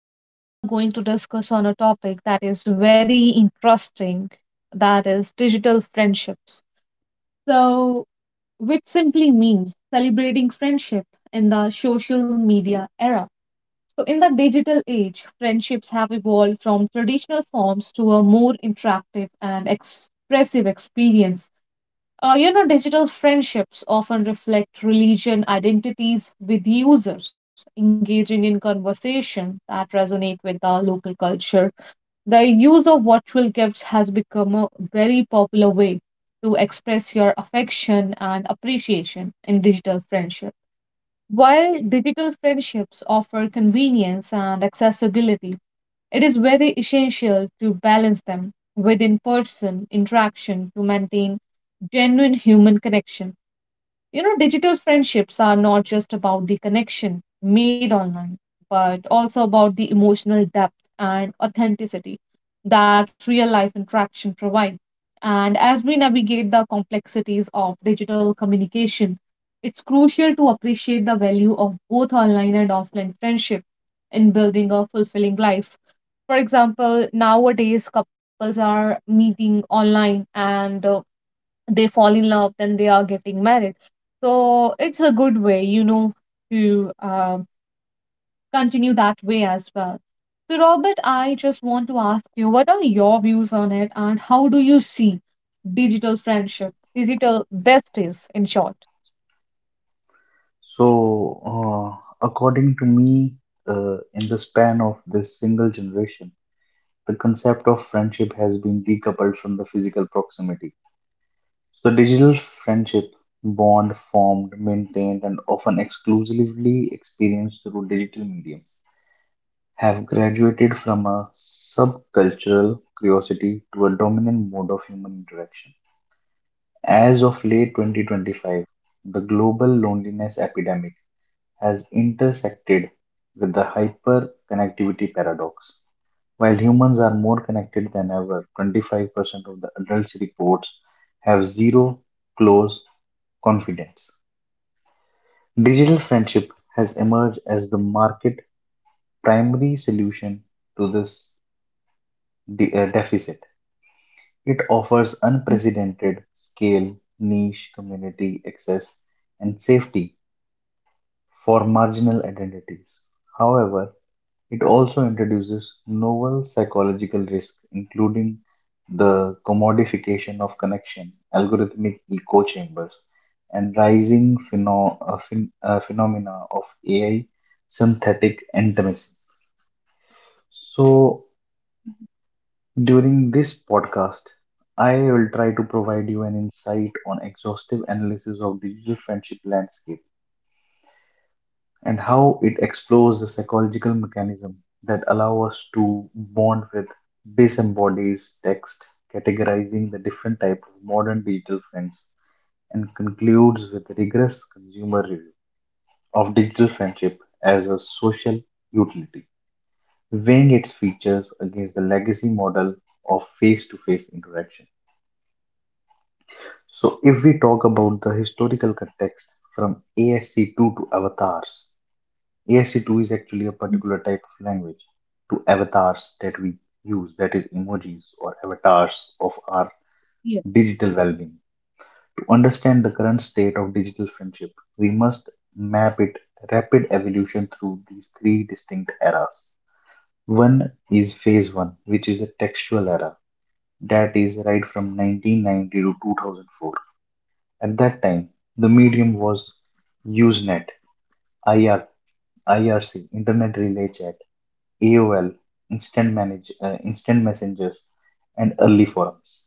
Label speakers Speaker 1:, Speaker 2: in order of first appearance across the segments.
Speaker 1: And today we are going to discuss on a topic that is very interesting, that is digital friendships. So, which simply means celebrating friendship in the social media era. So, in the digital age, friendships have evolved from traditional forms to a more interactive and expressive experience. Digital friendships often reflect religion identities with users, engaging in conversation that resonate with the local culture. The use of virtual gifts has become a very popular way to express your affection and appreciation in digital friendship. While digital friendships offer convenience and accessibility, it is very essential to balance them with in person interaction to maintain genuine human connection. You know, digital friendships are not just about the connection made online, but also about the emotional depth and authenticity that real life interaction provides. And as we navigate the complexities of digital communication, it's crucial to appreciate the value of both online and offline friendship in building a fulfilling life. For example, nowadays couples are meeting online and they fall in love, then they are getting married. So it's a good way, you know, to continue that way as well. So Robert, I just want to ask you, what are your views on it and how do you see digital friendship, digital besties in short?
Speaker 2: So, according to me, in the span of this single generation, the concept of friendship has been decoupled from the physical proximity. So, digital friendship bond formed, maintained, and often exclusively experienced through digital mediums have graduated from a subcultural curiosity to a dominant mode of human interaction. As of late 2025, the global loneliness epidemic has intersected with the hyperconnectivity paradox. While humans are more connected than ever, 25% of the adults reports have zero close confidence. Digital friendship has emerged as the market primary solution to this deficit. It offers unprecedented scale, niche, community access, and safety for marginal identities. However, it also introduces novel psychological risks, including the commodification of connection, algorithmic echo chambers, and rising phenomena of AI synthetic intimacy. So, during this podcast, I will try to provide you an insight on exhaustive analysis of digital friendship landscape and how it explores the psychological mechanism that allow us to bond with disembodies text, categorizing the different type of modern digital friends, and concludes with a rigorous consumer review of digital friendship as a social utility, weighing its features against the legacy model of face-to-face interaction. So, if we talk about the historical context from ASC2 to avatars, ASC2 is actually a
Speaker 1: Mhm.
Speaker 2: particular type of language to avatars that we use, that is, emojis or avatars of our
Speaker 1: Yes.
Speaker 2: digital well being. To understand the current state of digital friendship, we must map its rapid evolution through these three distinct eras. One is phase one, which is the textual era, that is, right from 1990 to 2004. At that time, the medium was Usenet, IR, IRC, Internet Relay Chat, AOL, instant messengers, and early forums.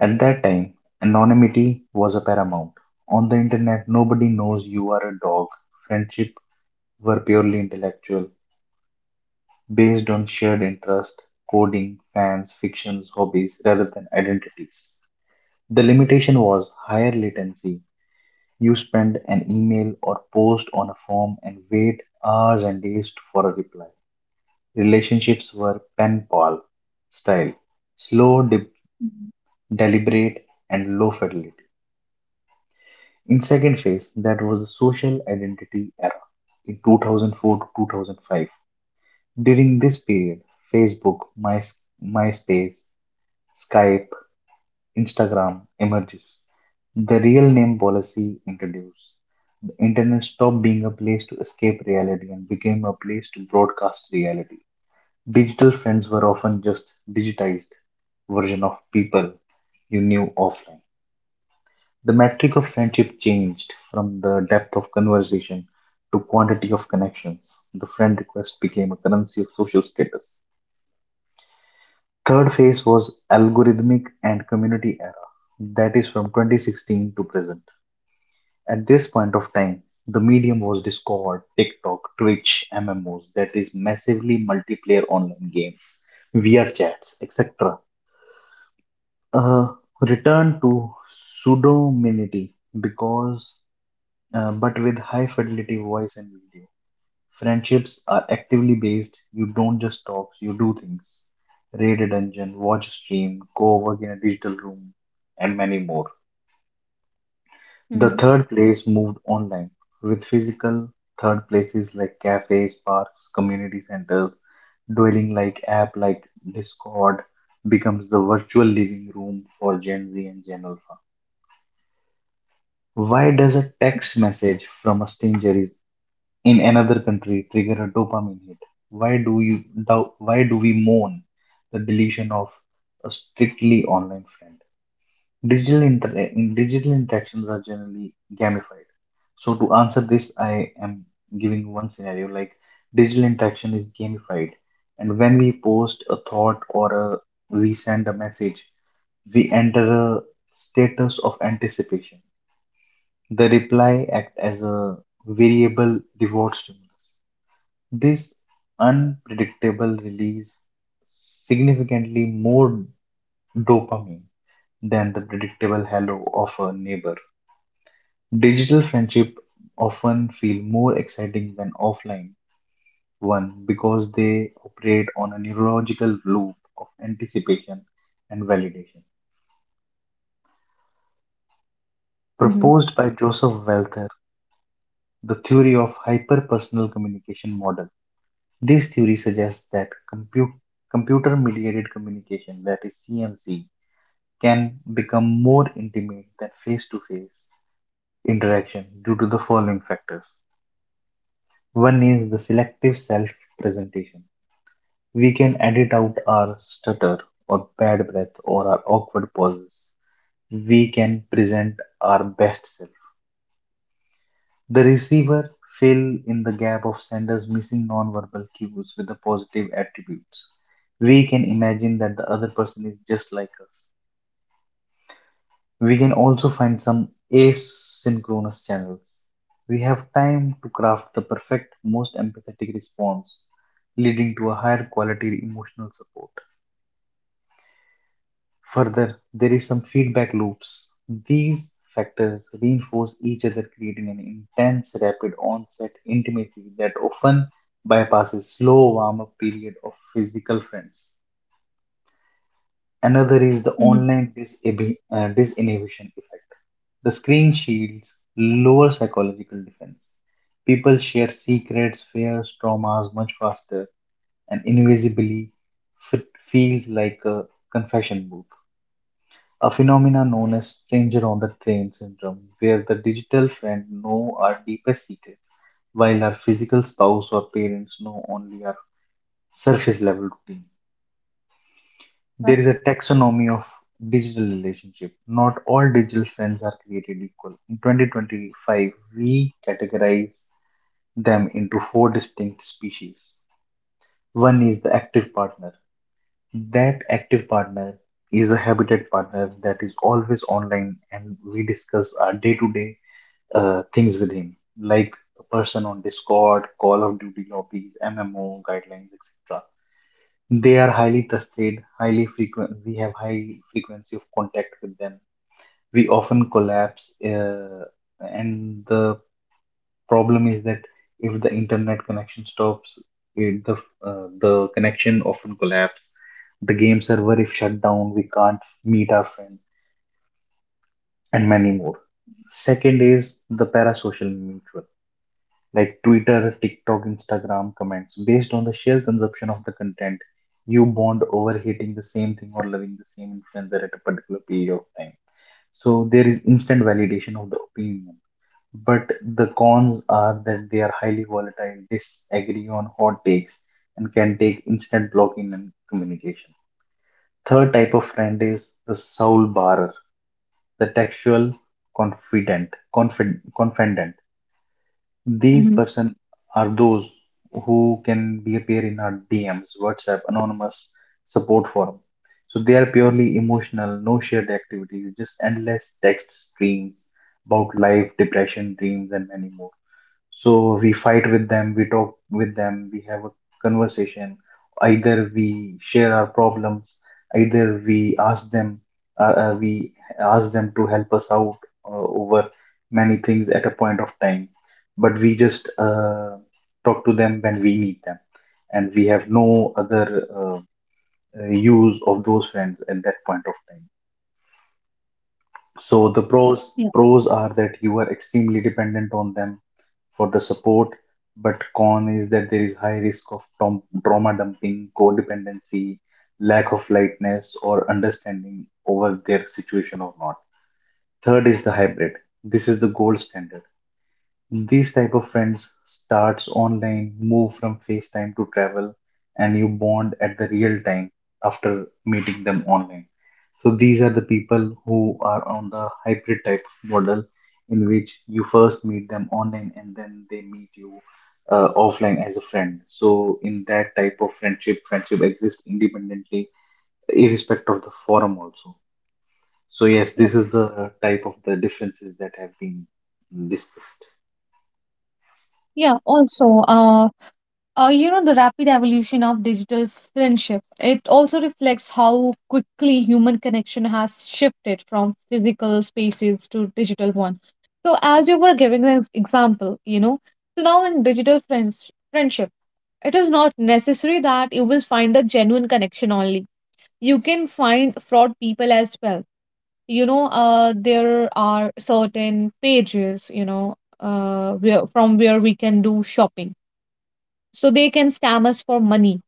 Speaker 2: At that time, anonymity was a paramount. On the internet, nobody knows you are a dog. Friendship were purely intellectual, based on shared interest, coding, fans, fictions, hobbies, rather than identities. The limitation was higher latency. You spend an email or post on a form and wait hours and days for a reply. Relationships were pen pal style, slow,
Speaker 1: Mm-hmm.
Speaker 2: deliberate, and low fidelity. In second phase, that was the social identity era in 2004 to 2005. During this period, Facebook, My, MySpace, Skype, Instagram emerges. The real name policy introduced. The internet stopped being a place to escape reality and became a place to broadcast reality. Digital friends were often just digitized version of people you knew offline. The metric of friendship changed from the depth of conversation to quantity of connections. The friend request became a currency of social status. Third phase was algorithmic and community era. That is from 2016 to present. At this point of time, the medium was Discord, TikTok, Twitch, MMOs, that is massively multiplayer online games, VR chats, etc. uh, Return to pseudonymity, because but with high fidelity voice and video, friendships are actively based. You don't just talk, you do things: raid a dungeon, watch a stream, go work in a digital room, and many more. The
Speaker 1: Mm-hmm.
Speaker 2: third place moved online, with physical third places like cafes, parks, community centers dwelling like app like Discord becomes the virtual living room for gen z and gen alpha. Why does a text message from a stranger is in another country trigger a dopamine hit? Why do we mourn the deletion of a strictly online friend? Digital inter in digital interactions are generally gamified. So to answer this, I am giving one scenario like digital interaction is gamified, and when we post a thought we send a message, we enter a status of anticipation. The reply act as a variable reward stimulus. This unpredictable release significantly more dopamine than the predictable hello of a neighbor. Digital friendship often feel more exciting than offline one because they operate on a neurological loop of anticipation and validation.
Speaker 1: Mm-hmm.
Speaker 2: Proposed by Joseph Welter, the theory of hyperpersonal communication model. This theory suggests that compu- computer mediated communication, that is CMC, can become more intimate than face to face interaction due to the following factors. One is the selective self presentation. We can edit out our stutter or bad breath or our awkward pauses. We can present our best self. The receiver fill in the gap of sender's missing nonverbal cues with the positive attributes. We can imagine that the other person is just like us. We can also find some asynchronous channels. We have time to craft the perfect, most empathetic response, leading to a higher quality emotional support. Further, there is some feedback loops. These factors reinforce each other, creating an intense, rapid onset intimacy that often bypasses slow warm up period of physical friends. Another is the online disinhibition effect. The screen shields lower psychological defense. People share secrets, fears, traumas much faster, and invisibly f- feels like a confession booth, a phenomena known as stranger on the train syndrome, where the digital friend know our deepest secrets, while our physical spouse or parents know only our surface level routine.
Speaker 1: Yeah.
Speaker 2: There is a taxonomy of digital relationship. Not all digital friends are created equal. In 2025, we categorize them into four distinct species. One is the active partner. That active partner is a habitat partner that is always online, and we discuss our day-to-day things with him, like a person on Discord, Call of Duty lobbies, MMO guidelines, etc. They are highly trusted, highly frequent. We have high frequency of contact with them. We often collapse, and the problem is that if the internet connection stops, it, the connection often collapse. The game server if shut down, we can't meet our friends and many more. Second is the parasocial mutual, like Twitter, TikTok, Instagram comments. Based on the sheer consumption of the content, you bond over hating the same thing or loving the same influencer at a particular period of time. So there is instant validation of the opinion. But the cons are that they are highly volatile, disagree on hot takes, and can take instant blocking and communication. Third type of friend is the soul barer, the textual confident. These
Speaker 1: Mm-hmm.
Speaker 2: person are those who can be appear in our DMs, WhatsApp, anonymous support forum. So they are purely emotional, no shared activities, just endless text streams about life, depression, dreams, and many more. So we fight with them, we talk with them, we have a conversation. Either we share our problems, either we ask them, we ask them to help us out over many things at a point of time. But we just talk to them when we need them, and we have no other use of those friends at that point of time. So the
Speaker 1: Yeah.
Speaker 2: pros are that you are extremely dependent on them for the support, but con is that there is high risk of trauma dumping, codependency, lack of lightness, or understanding over their situation or not. Third is the hybrid. This is the gold standard. These type of friends starts online, move from FaceTime to travel, and you bond at the real time after meeting them online. So these are the people who are on the hybrid type model in which you first meet them online and then they meet you offline as a friend. So in that type of friendship, friendship exists independently, irrespective of the forum also. So yes,
Speaker 1: Yeah.
Speaker 2: this is the type of the differences that have been discussed.
Speaker 1: Yeah. Also, you know, the rapid evolution of digital friendship, it also reflects how quickly human connection has shifted from physical spaces to digital one. So as you were giving an example, you know, so now in digital friendship, it is not necessary that you will find a genuine connection only. You can find fraud people as well. You know, there are certain pages, you know, where, from where we can do shopping, so they can scam us for money.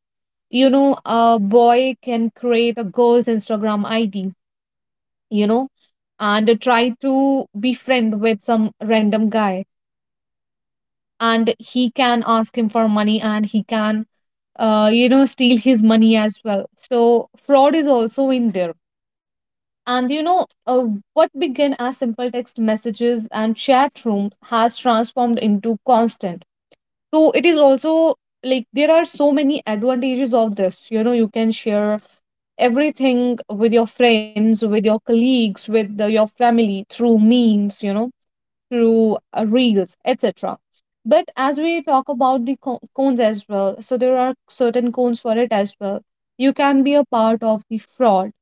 Speaker 1: You know, a boy can create a girl's Instagram ID, you know, and try to befriend with some random guy, and he can ask him for money, and he can, you know, steal his money as well. So fraud is also in there. And you know, what began as simple text messages and chat room has transformed into constant. So it is also like there are so many advantages of this, you know. You can share everything with your friends, with your colleagues, with the, your family through memes, you know, through reels, etc. But as we talk about the cones as well, so there are certain cones for it as well. You can be a part of the fraud.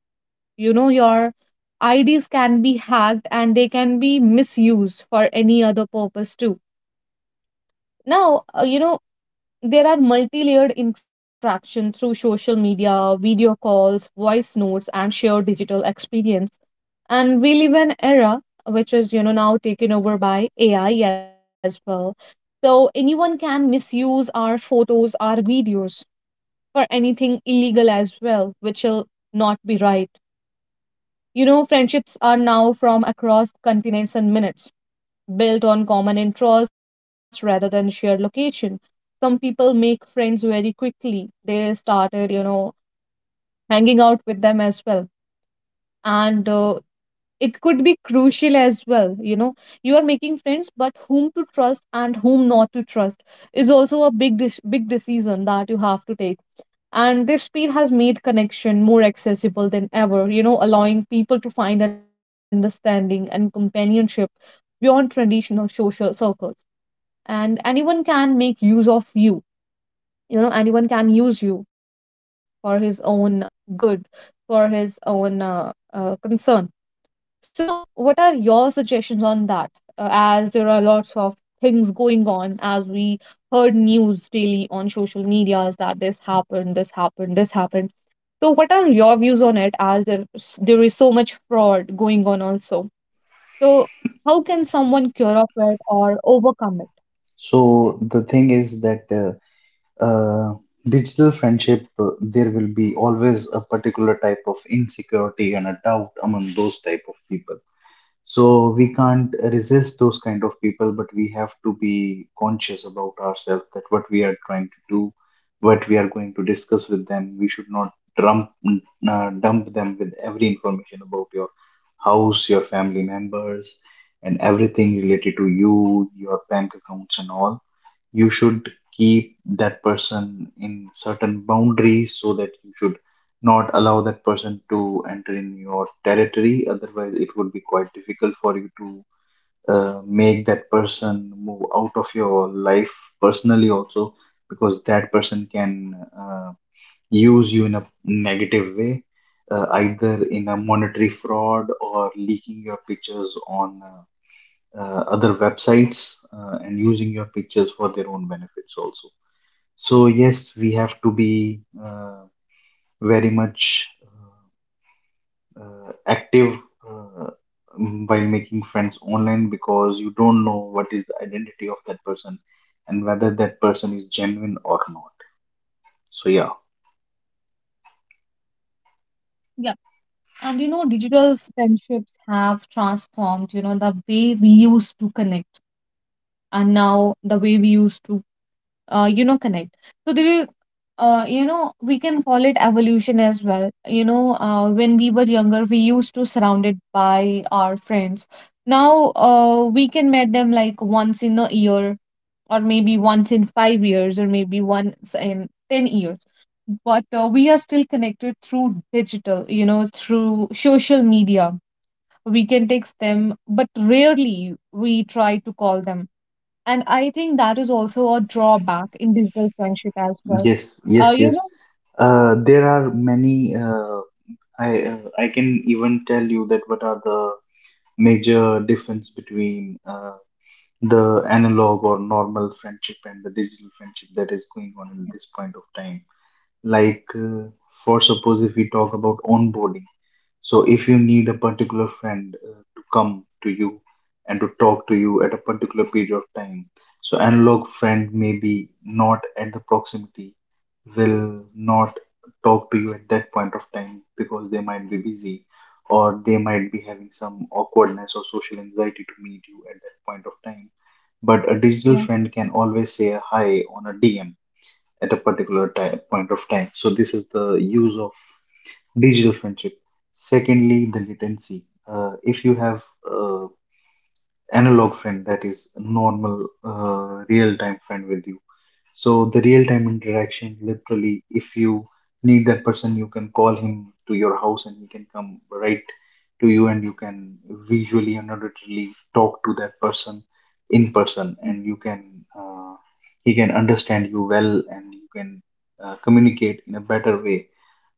Speaker 1: You know, your IDs can be hacked and they can be misused for any other purpose too. Now, you know, there are multi layered interaction through social media, video calls, voice notes, and shared digital experience. And we live in an era which is, you know, now taken over by AI as well. So anyone can misuse our photos, our videos for anything illegal as well, which will not be right. You know, friendships are now from across continents and minutes, built on common interests rather than shared location. Some people make friends very quickly. They started, you know, hanging out with them as well. And it could be crucial as well. You know, you are making friends, but whom to trust and whom not to trust is also a big, big decision that you have to take. And this speed has made connection more accessible than ever, you know, allowing people to find understanding and companionship beyond traditional social circles. And anyone can make use of you. You know, anyone can use you for his own good, for his own concern. So what are your suggestions on that? As there are lots of things going on, as we heard news daily on social medias that this happened, this happened, this happened, so what are your views on it, as there is so much fraud going on also. So how can someone cure of it or overcome it?
Speaker 2: So the thing is that uh, digital friendship, there will be always a particular type of insecurity and a doubt among those type of people. So we can't resist those kind of people, but we have to be conscious about ourselves that what we are trying to do, what we are going to discuss with them. We should not dump dump them with every information about your house, your family members, and everything related to you, your bank accounts, and all. You should keep that person in certain boundaries so that you should not allow that person to enter in your territory. Otherwise it would be quite difficult for you to make that person move out of your life personally also, because that person can uh, use you in a negative way, either in a monetary fraud or leaking your pictures on other websites and using your pictures for their own benefits also. So yes, we have to be very much active, uh, while making friends online, because you don't know what is the identity of that person and whether that person is genuine or not. So yeah,
Speaker 1: And you know, digital friendships have transformed, you know, the way we used to connect and now the way we used to, you know, connect. So, do you, you know, we can call it evolution as well. You know, when we were younger, we used to surrounded by our friends. Now, we can meet them like once in a year, or maybe once in 5 years, or maybe once in 10 years. But we are still connected through digital, you know, through social media. We can text them, but rarely we try to call them. And I think that is also a drawback in digital friendship as well.
Speaker 2: yes,
Speaker 1: Uh,
Speaker 2: yes,
Speaker 1: you
Speaker 2: yes.
Speaker 1: know,
Speaker 2: There are many. I can even tell you that what are the major difference between the analog or normal friendship and the digital friendship that is going on in this point of time, like uh, for suppose. If we talk about onboarding, so if you need a particular friend to come to you and to talk to you at a particular period of time, so analog friend maybe not at the proximity, will not talk to you at that point of time because they might be busy or they might be having some awkwardness or social anxiety to meet you at that point of time. But a digital
Speaker 1: yeah,
Speaker 2: friend can always say a hi on a dm at a particular time, point of time. So this is the use of digital friendship. Secondly, the latency. If you have uh, analog friend that is normal real time friend with you, so the real time interaction, literally, if you need that person, you can call him to your house and he can come right to you, and you can visually and auditory talk to that person in person,
Speaker 1: mm,
Speaker 2: and you can uh, he can understand you well, and you can communicate in a better way.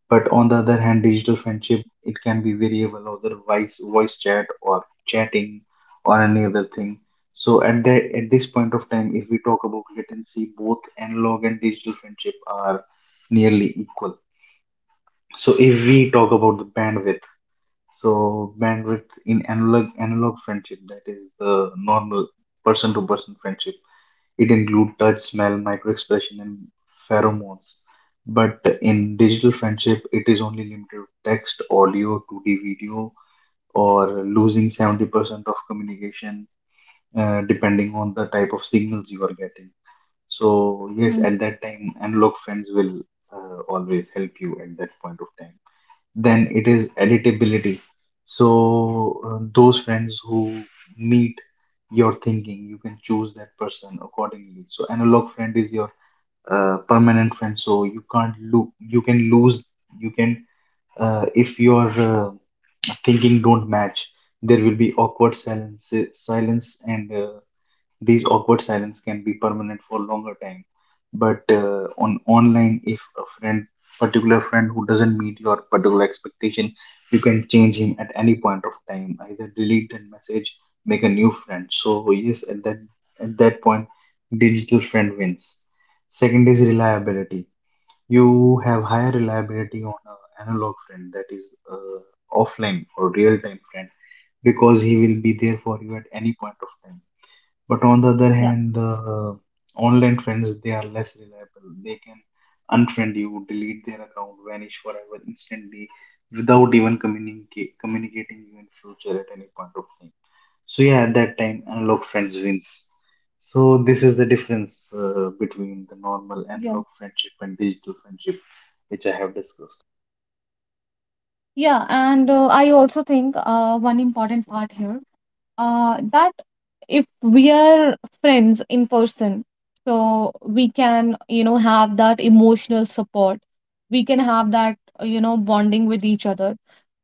Speaker 2: But on the other hand, digital friendship, it can be variable, other voice chat or chatting or any other thing. So at the at this point of time, if we talk about latency, both analog and digital friendship are nearly equal. So if we talk about the bandwidth, so bandwidth in analog friendship, that is the normal person to person friendship, it includes touch, smell, microexpression, and pheromones. But in digital friendship, it is only limited to text, audio, 2D video, or losing 70% of communication depending on the type of signals you are getting. So, yes,
Speaker 1: mm,
Speaker 2: at that time, analog friends will always help you at that point of time. Then it is editability. So those friends who meet your thinking, you can choose that person accordingly. So analog friend is your permanent friend. So you can't lose. You can lose. You can If your thinking don't match, there will be awkward silence, silence, and these awkward silence can be permanent for longer time. But on online, if a friend, particular friend who doesn't meet your particular expectation, you can change him at any point of time. Either delete that message, make a new friend. So yes, at that point, digital friend wins. Second is reliability. You have higher reliability on an analog friend, that is offline or real time friend, because he will be there for you at any point of time. But on the other
Speaker 1: yeah,
Speaker 2: hand, the online friends, they are less reliable. They can unfriend you, delete their account, vanish forever instantly without even communicating you in future at any point of time. So yeah, at that time, analog friends wins. So this is the difference between the normal
Speaker 1: yeah,
Speaker 2: analog friendship and digital friendship, which I have discussed.
Speaker 1: yeah. And I also think one important part here, that if we are friends in person, so we can, you know, have that emotional support. We can have that, you know, bonding with each other.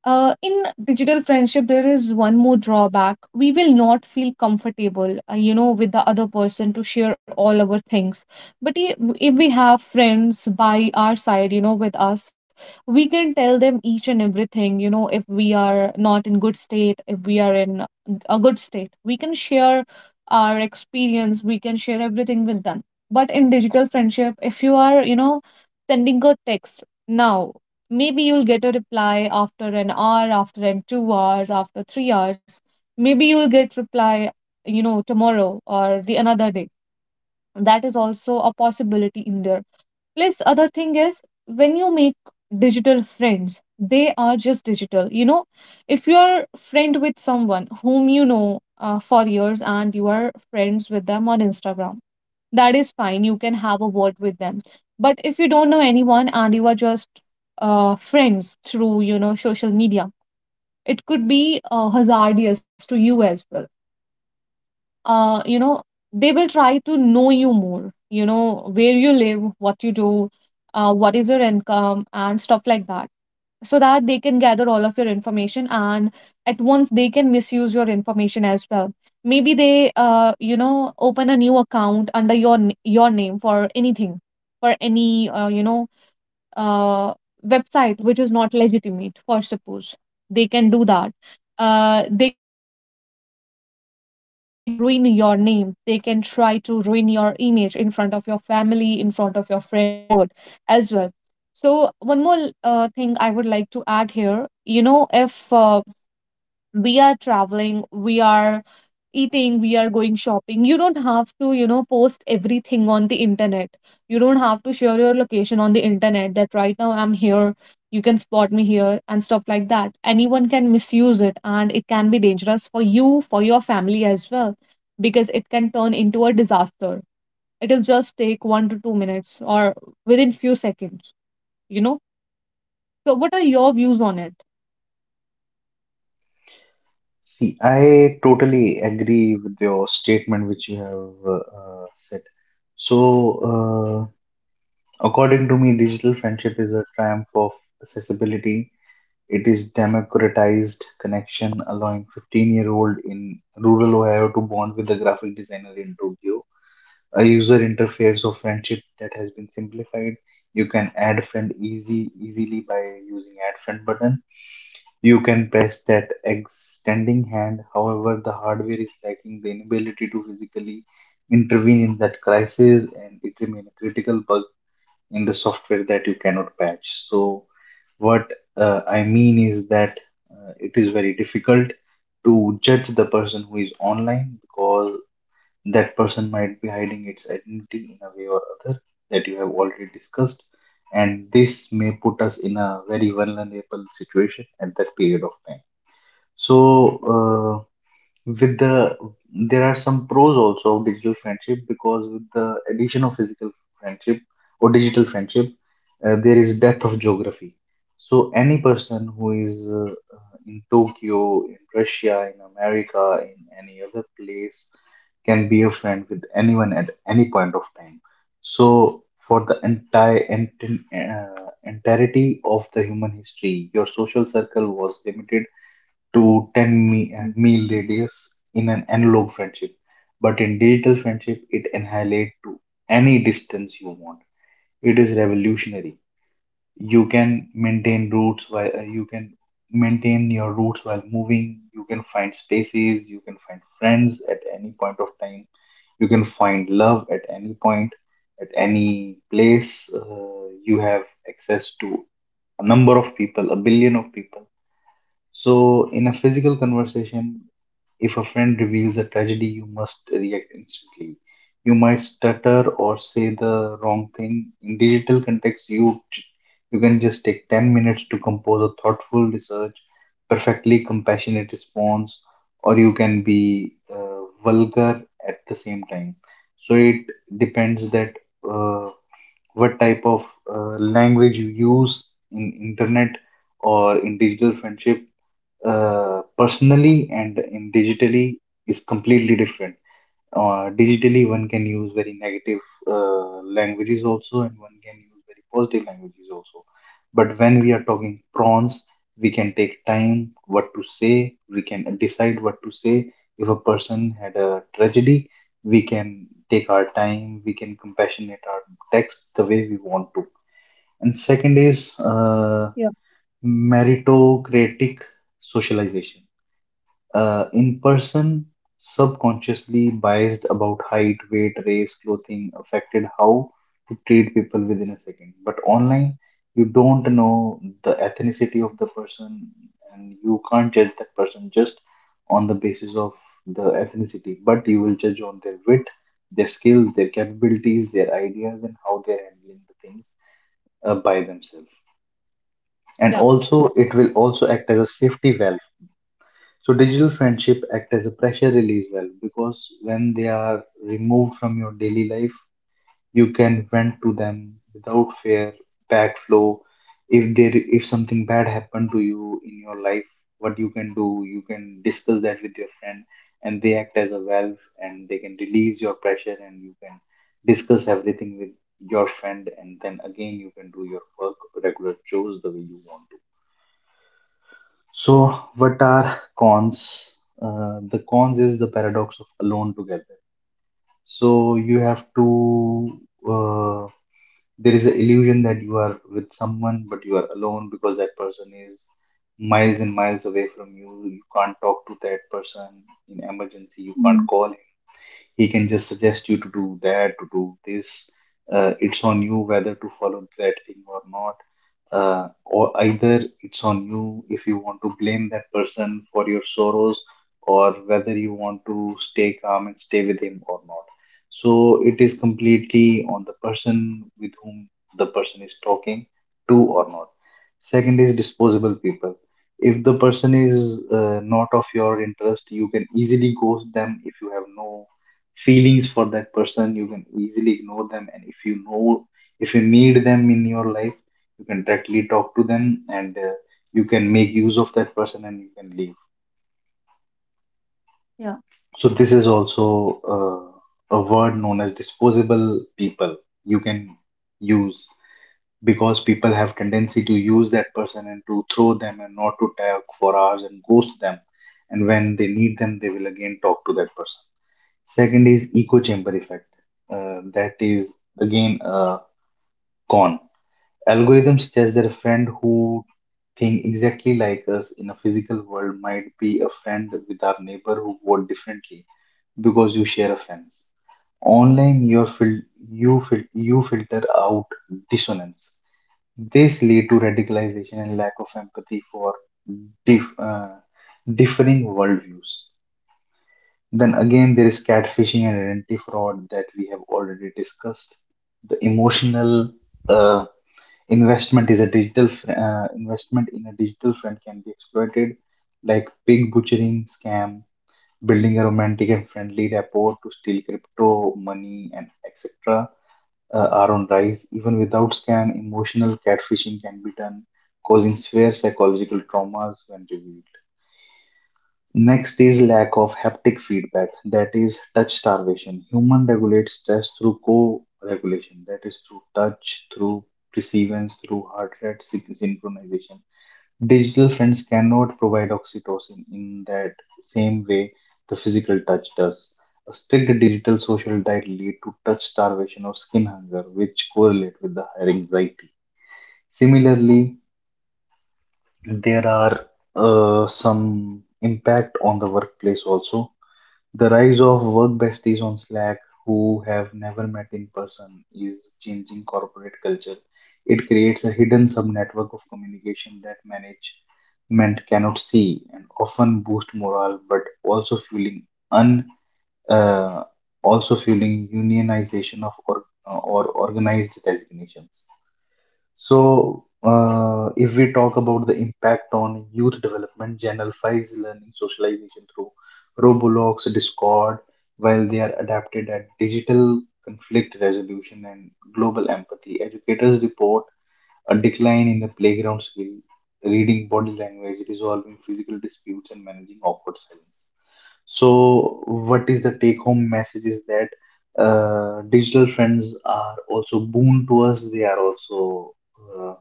Speaker 1: In digital friendship, there is one more drawback. We will not feel comfortable, you know, with the other person to share all our things. But if we have friends by our side, you know, with us, we can tell them each and everything, you know. If we are not in good state, if we are in a good state, we can share our experience, we can share everything with them. But in digital friendship, if you are, you know, sending a text now, maybe you'll get a reply after an hour, after an 2 hours, after 3 hours. Maybe you'll get reply, you know, tomorrow or the another day. That is also a possibility in there. Plus, other thing is when you make digital friends, they are just digital. You know, if you're friend with someone whom you know for years and you are friends with them on Instagram, that is fine. You can have a word with them. But if you don't know anyone and you are just friends through, you know, social media, it could be hazardous to you as well. You know, they will try to know you more, you know, where you live, what you do, what is your income and stuff like that, so that they can gather all of your information and at once they can misuse your information as well. Maybe they, you know, open a new account under your your name for anything, for any, you know, uh, website which is not legitimate for suppose. They can do that. They can try to ruin your name, they can try to ruin your image in front of your family, in front of your friends, in front of world as well. So one more thing I would like to add here, you know, if we are traveling, we are eating, we are going shopping, you don't have to, you know, post everything on the internet. You don't have to share your location on the internet that right now I'm here, you can spot me here, and stuff like that. Anyone can misuse it, and it can be dangerous for you, for your family as well, because it can turn into a disaster. It'll just take 1 to 2 minutes or within few seconds, you know. So, what are your views on it?
Speaker 2: See, I totally agree with your statement which you have said. So, uh, According to me, digital friendship is a triumph of accessibility. It is democratized connection, allowing 15-year-old in rural Ohio to bond with a graphic designer in Tokyo. A user interface of friendship that has been simplified. You can add friend easy easily by using add friend button. You can press that extending hand. However, the hardware is lacking the inability to physically intervene in that crisis, and it remains a critical in the software that you cannot patch. So what I mean is that it is very difficult to judge the person who is online because that person might be hiding its identity in a way or other that you have already discussed, and this may put us in a very vulnerable situation at that period of time. So
Speaker 1: Yeah.
Speaker 2: with the there are some pros also of digital friendship because with the addition of physical friendship or digital friendship, there is depth of geography. So any person who is in Tokyo, in Russia, in America, in any other place can be a friend with anyone at any point of time. So for the entirety of the human history, your social circle was limited to 10
Speaker 1: Mhm.
Speaker 2: mile radius in an analog friendship. But in digital friendship, it annihilates to any distance you want. It is revolutionary.
Speaker 1: Yeah.
Speaker 2: You can maintain your roots while moving. You can find spaces. You can find friends at any point of time. You can find love at any point, at any place. You have access to a number of people, a billion of people. So, in a physical conversation, if a friend reveals a tragedy, you must react instantly. You might stutter or say the wrong thing. In digital context, you can just take 10 minutes to compose a thoughtful research, perfectly compassionate response, or you can be vulgar at the same time. So it depends that uh, what type of language you use in internet or in digital friendship, personally and in digitally, is completely different. Digitally, one can use very negative languages also, and one can use very positive languages also. But when we are talking prawns, we can take time what to say, we can decide what to say. If a person had a tragedy, we can take our time, we can compassionate our text the way we want to. And second is meritocratic socialization. In person, subconsciously biased about height, weight, race, clothing, affected how to treat people within a second. But online, you don't know the ethnicity of the person, and you can't judge that person just on the basis of the ethnicity, but you will judge on their wit, their skills, their capabilities, their ideas, and how they're handling the things by themselves. And
Speaker 1: Yeah.
Speaker 2: also it will also act as a safety valve. So digital friendship act as a pressure release valve because when they are removed from your daily life, you can vent to them without fear, backflow. If something bad happened to you in your life, what you can do, you can discuss that with your friend, and they act as a valve and they can release your pressure, and you can discuss everything with your friend, and then again you can do your work, regular chores the way you want. So, what are cons? The cons is the paradox of alone together. So, you have to, uh, there is an illusion that you are with someone, but you are alone because that person is miles and miles away from you. You can't talk to that person in emergency, you can't
Speaker 1: Mhm.
Speaker 2: call. He can just suggest you to do that, to do this. It's on you whether to follow that thing or not. Or either it's on you if you want to blame that person for your sorrows, or whether you want to stay calm and stay with him or not. So it is completely on the person with whom the person is talking to or not. Second is disposable people. If the person is not of your interest, you can easily ghost them. If you have no feelings for that person, you can easily ignore them. And if you know if you need them in your life, you can directly talk to them, and you can make use of that person and you can leave.
Speaker 1: Yeah.
Speaker 2: So this is also a word known as disposable people. You can use, because people have tendency to use that person and to throw them and not to talk for hours and ghost them, and when they need them they will again talk to that person. Second is echo chamber effect. That is again a con. Algorithms suggest that a friend who think exactly like us in a physical world might be a friend with our neighbor who vote differently because you share a fence. Online, you filter out dissonance. This lead to radicalization and lack of empathy for dif- uh, differing worldviews. Then again, there is catfishing and identity fraud that we have already discussed. The emotional uh, investment in a digital friend can be exploited, like pig butchering scam, building a romantic and friendly rapport to steal crypto money and etc. Are on rise. Even without scam, emotional catfishing can be done, causing severe psychological traumas when revealed. Next is lack of haptic feedback, that is touch starvation. Human regulates stress through co-regulation, that is through touch, through perceivance, through heart rate synchronization. Digital friends cannot provide oxytocin in that same way the physical touch does. A strict digital social diet lead to touch starvation or skin hunger, which correlate with the higher anxiety. Similarly, there are some impact on the workplace also. The rise of work besties on Slack who have never met in person is changing corporate culture. It creates a hidden subnetwork of communication that management cannot see and often boost morale, but also fueling un uh, also fueling unionization of or organized resignations. So, if we talk about the impact on youth development, Channel 5's learning socialization through Roblox, Discord, while they are adapted at digital conflict resolution and global empathy. Educators report a decline in the playground skill, reading body language, resolving physical disputes, and managing awkward silence. So, what is the take home message is that digital friends are also boon to us, they are also uh,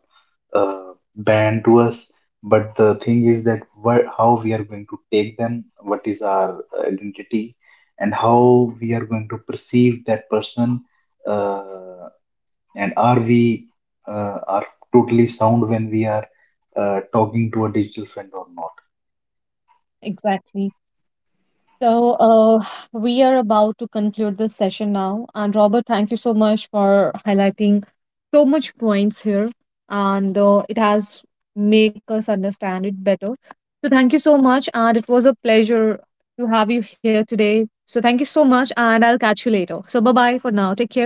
Speaker 2: ban to us. But the thing is that what, how we are going to take them, what is our identity, and how we are going to perceive that person, uh, and are we are totally sound when we are talking to a digital friend or not?
Speaker 1: Exactly. So, we are about to conclude this session now. And Robert, thank you so much for highlighting so much points here, and it has make us understand it better. So, thank you so much, and it was a pleasure to have you here today. So, thank you so much, and I'll catch you later. So, bye bye for now. Take care.